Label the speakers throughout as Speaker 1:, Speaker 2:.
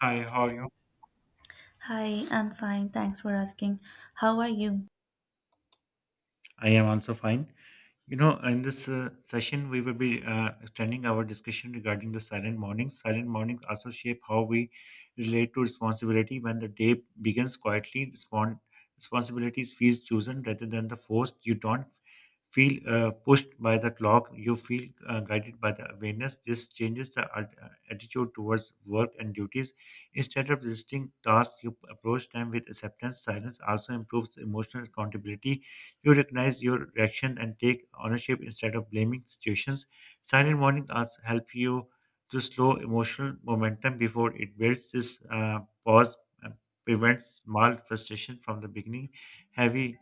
Speaker 1: Hi, how are you?
Speaker 2: Hi, I'm fine. Thanks for asking. How are you?
Speaker 1: I am also fine. You know, in this session, we will be extending our discussion regarding the silent mornings. Silent mornings also shape how we relate to responsibility. When the day begins quietly, responsibilities feels chosen rather than the forced. You don't feel pushed by the clock. You feel guided by the awareness. This changes the attitude towards work and duties. Instead of resisting tasks, you approach them with acceptance. Silence also improves emotional accountability. You recognize your reaction and take ownership instead of blaming situations. Silent morning also help you to slow emotional momentum before it builds. This pause uh, prevents small frustration from the beginning, heavy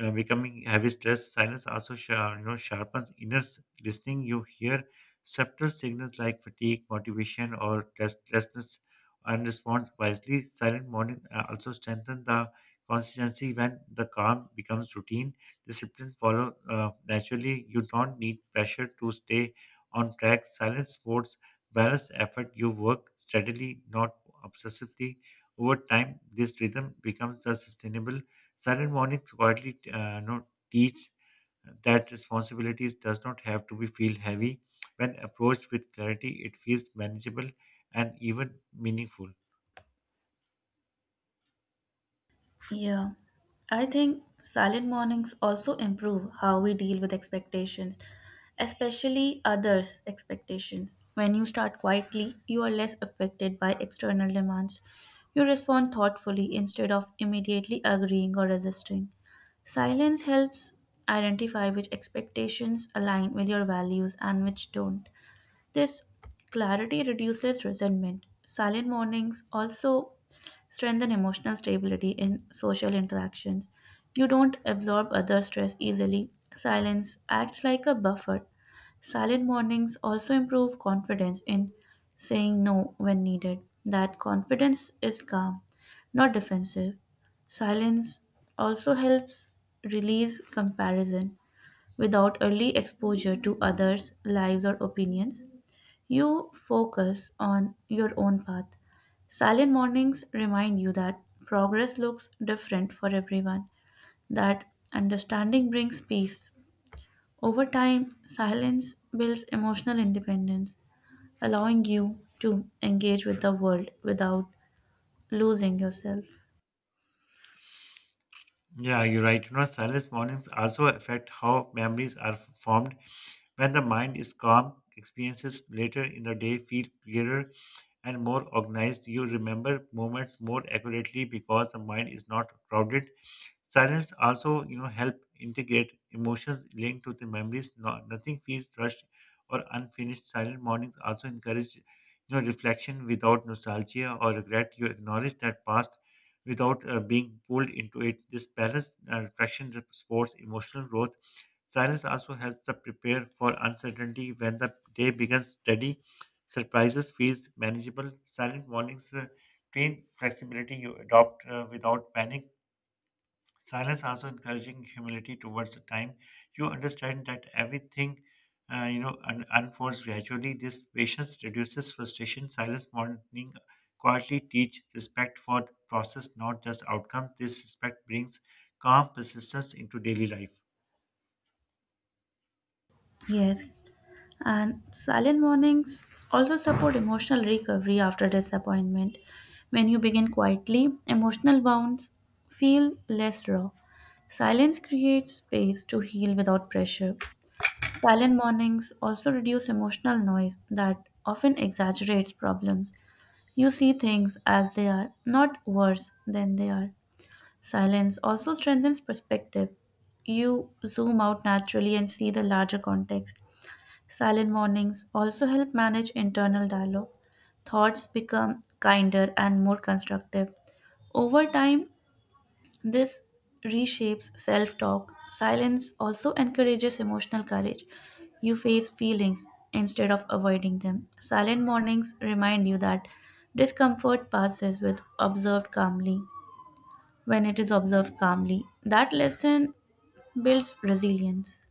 Speaker 1: becoming heavy stress. Silence also sharpens inner listening. You hear subtle signals like fatigue, motivation, or restlessness, and respond wisely. Silent morning also strengthen the consistency. When the calm becomes routine, discipline follow naturally. You don't need pressure to stay on track. Silent sports balance effort. You work steadily, not obsessively. Over time, this rhythm becomes a sustainable. Silent mornings quietly no, teach that responsibilities does not have to be feel heavy. When approached with clarity, it feels manageable and even meaningful.
Speaker 2: Yeah, I think silent mornings also improve how we deal with expectations, especially others' expectations. When you start quietly, you are less affected by external demands. You respond thoughtfully instead of immediately agreeing or resisting. Silence helps identify which expectations align with your values and which don't. This clarity reduces resentment. Silent mornings also strengthen emotional stability in social interactions. You don't absorb other stress easily. Silence acts like a buffer. Silent mornings also improve confidence in saying no when needed. That confidence is calm, not defensive. Silence also helps release comparison without early exposure to others' lives or opinions. You focus on your own path. Silent mornings remind you that progress looks different for everyone, that understanding brings peace. Over time, silence builds emotional independence, allowing you to engage with the world without losing yourself.
Speaker 1: Yeah, you're right. You know, silence mornings also affect how memories are formed. When the mind is calm, experiences later in the day feel clearer and more organized. You remember moments more accurately because the mind is not crowded. Silence also, help integrate emotions linked to the memories. No, nothing feels rushed or unfinished. Silent mornings also encourage, reflection without nostalgia or regret. You acknowledge that past without being pulled into it. This balanced traction supports emotional growth. Silence also helps us prepare for uncertainty when the day begins steady. Surprises feels manageable. Silent mornings train flexibility. You adopt without panic. Silence also encouraging humility towards the time. You understand that everything, unfolds gradually. This patience reduces frustration. Silence mourning quietly teach respect for process, not just outcome. This respect brings calm persistence into daily life.
Speaker 2: Yes. And silent mornings also support emotional recovery after disappointment. When you begin quietly, emotional wounds feel less raw. Silence creates space to heal without pressure. Silent mornings also reduce emotional noise that often exaggerates problems. You see things as they are, not worse than they are. Silence also strengthens perspective. You zoom out naturally and see the larger context. Silent mornings also help manage internal dialogue. Thoughts become kinder and more constructive. Over time, this reshapes self talk. Silence also encourages emotional courage. You face feelings instead of avoiding them. Silent mornings remind you that discomfort passes with observed calmly when it is observed calmly. That lesson builds resilience.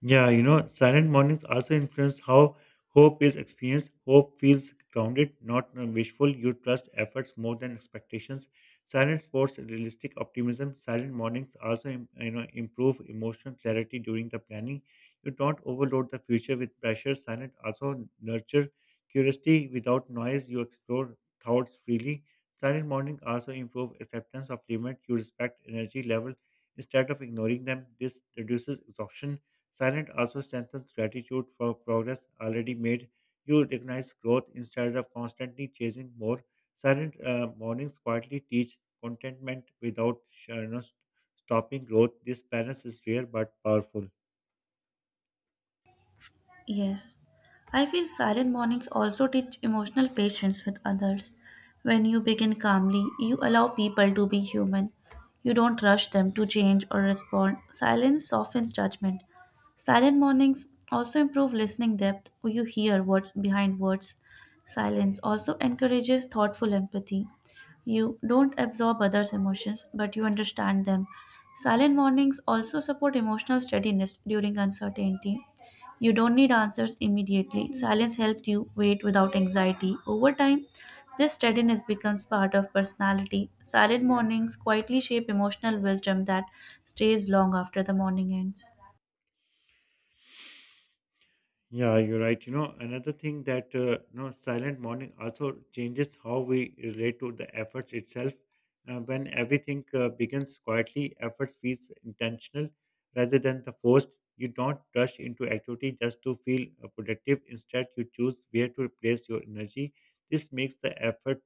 Speaker 1: Yeah, you know, silent mornings also influence how hope is experienced. Hope feels grounded, not wishful. You trust efforts more than expectations. Silent sports realistic optimism. Silent mornings also improve emotional clarity during the planning. You don't overload the future with pressure. Silent also nurture curiosity without noise. You explore thoughts freely. Silent morning also improve acceptance of limit. You respect energy level instead of ignoring them. This reduces exhaustion. Silence also strengthens gratitude for progress already made. You recognize growth instead of constantly chasing more. Silent mornings quietly teach contentment without uh, you know, stopping growth. This balance is rare but powerful.
Speaker 2: Yes, I feel silent mornings also teach emotional patience with others. When you begin calmly, you allow people to be human. You don't rush them to change or respond. Silence softens judgment. Silent mornings also improve listening depth. You hear what's behind words. Silence also encourages thoughtful empathy. You don't absorb others' emotions, but you understand them. Silent mornings also support emotional steadiness during uncertainty. You don't need answers immediately. Silence helps you wait without anxiety. Over time, this steadiness becomes part of personality. Silent mornings quietly shape emotional wisdom that stays long after the morning ends.
Speaker 1: Yeah, you're right. Another thing that silent morning also changes how we relate to the effort itself. When everything begins quietly, effort feels intentional rather than the forced. You don't rush into activity just to feel productive. Instead, you choose where to place your energy. This makes the effort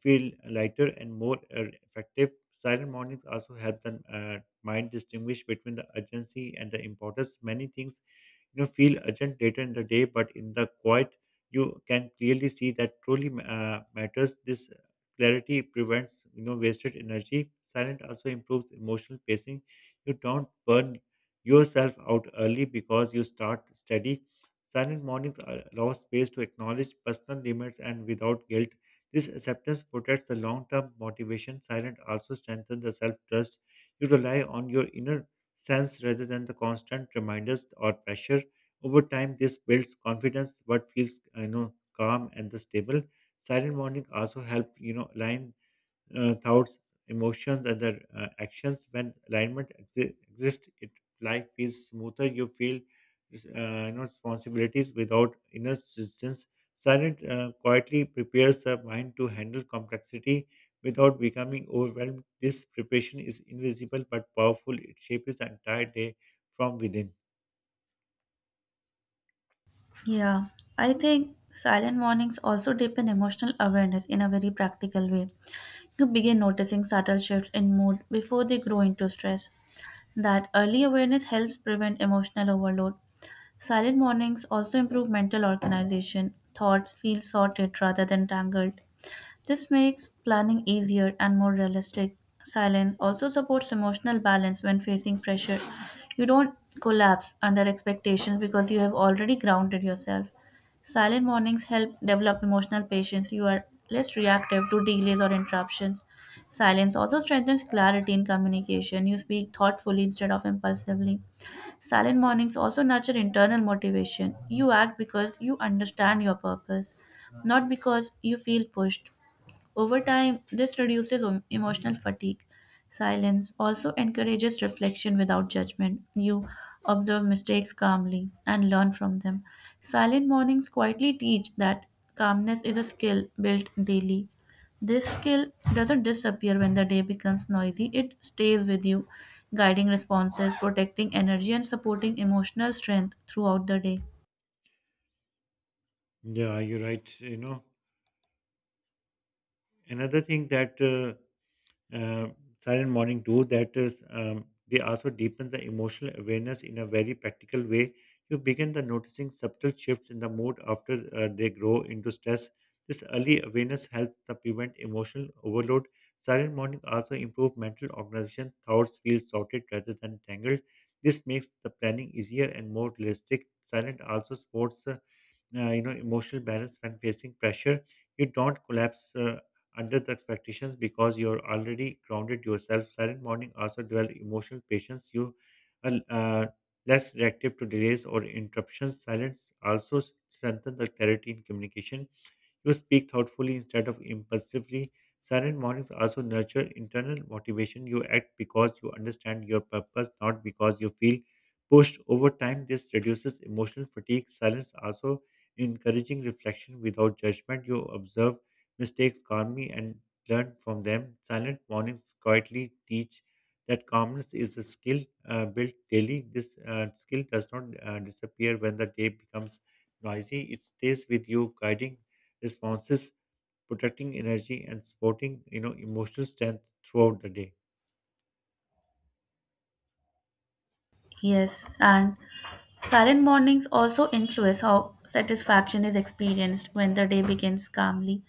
Speaker 1: feel lighter and more effective. Silent mornings also help the mind distinguish between the urgency and the importance. Many things feel urgent later in the day, but in the quiet you can clearly see that truly matters. This clarity prevents wasted energy. Silent also improves emotional pacing. You don't burn yourself out early because you start steady. Silent mornings allow space to acknowledge personal limits and without guilt. This acceptance protects the long-term motivation. Silent also strengthens the self-trust. You rely on your inner sense rather than the constant reminders or pressure. Over time, this builds confidence, what feels calm and the stable. Silent morning also help align thoughts, emotions, and their actions. When alignment exists, it life feels smoother. You feel responsibilities without inner resistance. Silent quietly prepares the mind to handle complexity without becoming overwhelmed. This preparation is invisible but powerful. It shapes the entire day from within.
Speaker 2: Yeah, I think silent mornings also deepen emotional awareness in a very practical way. You begin noticing subtle shifts in mood before they grow into stress. That early awareness helps prevent emotional overload. Silent mornings also improve mental organization. Thoughts feel sorted rather than tangled. This makes planning easier and more realistic. Silence also supports emotional balance when facing pressure. You don't collapse under expectations because you have already grounded yourself. Silent mornings help develop emotional patience. You are less reactive to delays or interruptions. Silence also strengthens clarity in communication. You speak thoughtfully instead of impulsively. Silent mornings also nurture internal motivation. You act because you understand your purpose, not because you feel pushed. Over time, this reduces emotional fatigue. Silence also encourages reflection without judgment. You observe mistakes calmly and learn from them. Silent mornings quietly teach that calmness is a skill built daily. This skill doesn't disappear when the day becomes noisy. It stays with you, guiding responses, protecting energy, and supporting emotional strength throughout the day.
Speaker 1: Yeah, you're right. You know. Another thing that uh, silent morning do that is they also deepen the emotional awareness in a very practical way. You begin the noticing subtle shifts in the mood after they grow into stress. This early awareness helps to prevent emotional overload. Silent morning also improve mental organization. Thoughts feel sorted rather than tangled. This makes the planning easier and more realistic. Silent also supports emotional balance when facing pressure. You don't collapse under the expectations because you're already grounded yourself. Silent morning also dwell emotional patience. You are less reactive to delays or interruptions. Silence also strengthen the clarity in communication. You speak thoughtfully instead of impulsively. Silent mornings also nurture internal motivation. You act because you understand your purpose, not because you feel pushed. Over time, this reduces emotional fatigue. Silence also encouraging reflection without judgment. You observe mistakes calmly and learn from them. Silent mornings quietly teach that calmness is a skill built daily. This skill does not disappear when the day becomes noisy. It stays with you, guiding responses, protecting energy, and supporting emotional strength throughout the day.
Speaker 2: Yes, and silent mornings also influence how satisfaction is experienced when the day begins calmly.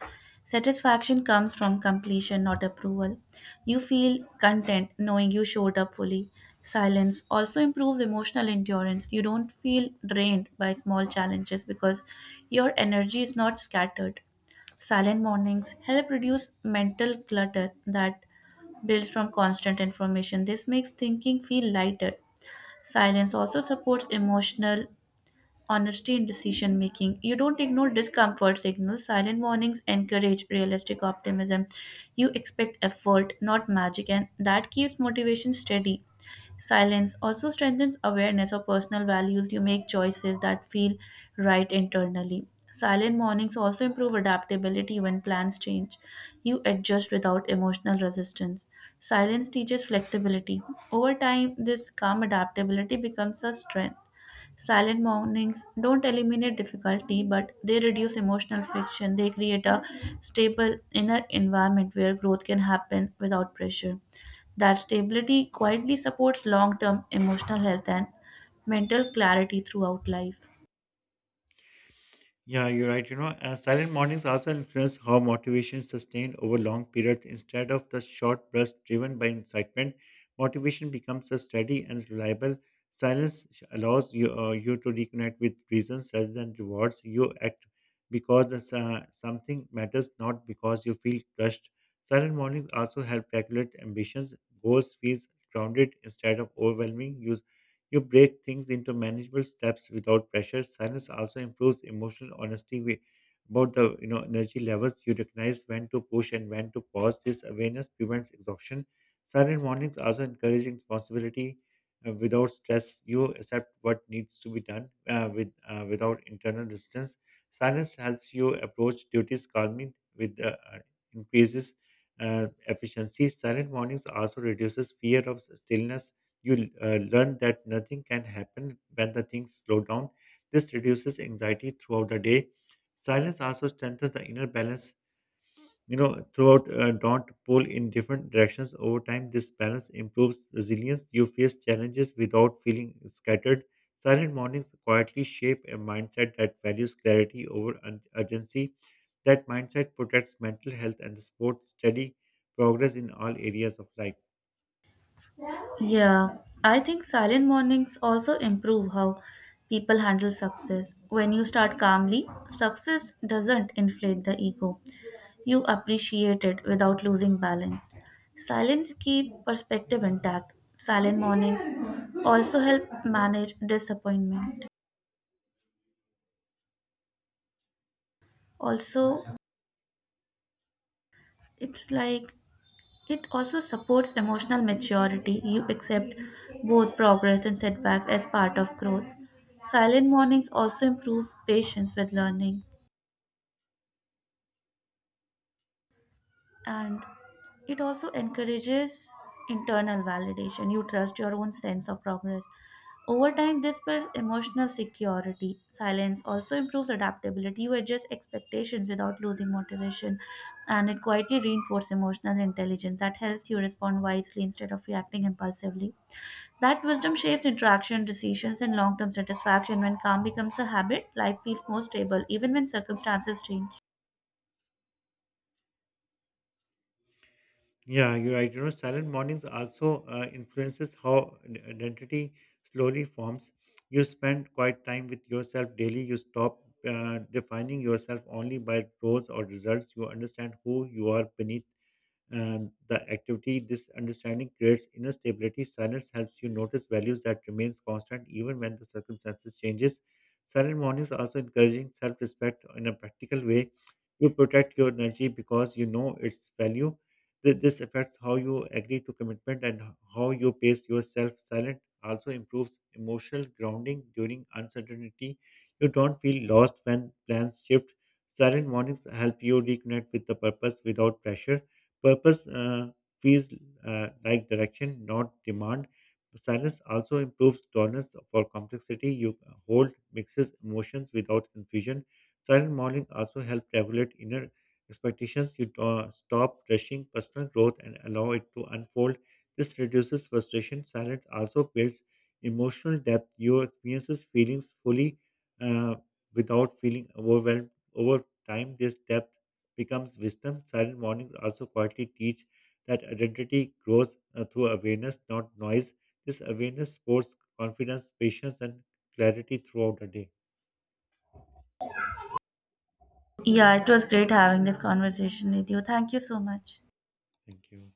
Speaker 2: Satisfaction comes from completion, not approval. You feel content knowing you showed up fully. Silence also improves emotional endurance. You don't feel drained by small challenges because your energy is not scattered. Silent mornings help reduce mental clutter that builds from constant information. This makes thinking feel lighter. Silence also supports emotional honesty in decision making. You don't ignore discomfort signals. Silent warnings encourage realistic optimism. You expect effort, not magic, and that keeps motivation steady. Silence also strengthens awareness of personal values. You make choices that feel right internally. Silent mornings also improve adaptability when plans change. You adjust without emotional resistance. Silence teaches flexibility. Over time, this calm adaptability becomes a strength. Silent mornings don't eliminate difficulty, but they reduce emotional friction. They create a stable inner environment where growth can happen without pressure. That stability quietly supports long term emotional health and mental clarity throughout life.
Speaker 1: Yeah, you're right. You know, silent mornings also influence how motivation is sustained over long periods. Instead of the short burst driven by incitement, motivation becomes a steady and reliable. Silence allows you to reconnect with reasons rather than rewards. You act because something matters, not because you feel crushed. Silent mornings also help regulate ambitions. Goals feels grounded instead of overwhelming. You break things into manageable steps without pressure. Silence also improves emotional honesty about the energy levels. You recognize when to push and when to pause. This awareness prevents exhaustion. Silent mornings also encourage responsibility without stress. You accept what needs to be done without internal resistance. Silence helps you approach duties calmly with increases efficiency. Silent mornings also reduces fear of stillness. You learn that nothing can happen when the things slow down. This reduces anxiety throughout the day. Silence also strengthens the inner balance. You know, throughout don't pull in different directions over time. This balance improves resilience. You face challenges without feeling scattered. Silent mornings quietly shape a mindset that values clarity over urgency. That mindset protects mental health and supports steady progress in all areas of life.
Speaker 2: Yeah, I think silent mornings also improve how people handle success. When you start calmly, success doesn't inflate the ego. You appreciate it without losing balance. Silence keep perspective intact. Silent mornings also help manage disappointment. Also, it's like It also supports emotional maturity. You accept both progress and setbacks as part of growth. Silent mornings also improve patience with learning, and it also encourages internal validation. You trust your own sense of progress. Over time, this builds emotional security. Silence also improves adaptability. You adjust expectations without losing motivation, and it quietly reinforces emotional intelligence that helps you respond wisely instead of reacting impulsively. That wisdom shapes interaction, decisions, and long term satisfaction. When calm becomes a habit, life feels more stable, even when circumstances change.
Speaker 1: Yeah, you're right. You know, silent mornings also influences how an identity slowly forms. You spend quiet time with yourself daily. You stop defining yourself only by roles or results. You understand who you are beneath and the activity. This understanding creates inner stability. Silence helps you notice values that remains constant even when the circumstances changes. Silent mornings are also encouraging self-respect in a practical way. You protect your energy because you know its value. This affects how you agree to commitment and how you pace yourself. Silent also improves emotional grounding during uncertainty. You don't feel lost when plans shift. Silent mornings help you reconnect with the purpose without pressure. Purpose feels like direction, not demand. Silence also improves tolerance for complexity. You hold mixes emotions without confusion. Silent modeling also helps regulate inner expectations. You stop rushing personal growth and allow it to unfold. This reduces frustration. Silence also builds emotional depth. You experiences feelings fully uh, without feeling overwhelmed. Over time, this depth becomes wisdom. Silent mornings also quietly teach that identity grows through awareness, not noise. This awareness supports confidence, patience, and clarity throughout the day.
Speaker 2: Yeah, it was great having this conversation with you. Thank you so much.
Speaker 1: Thank you.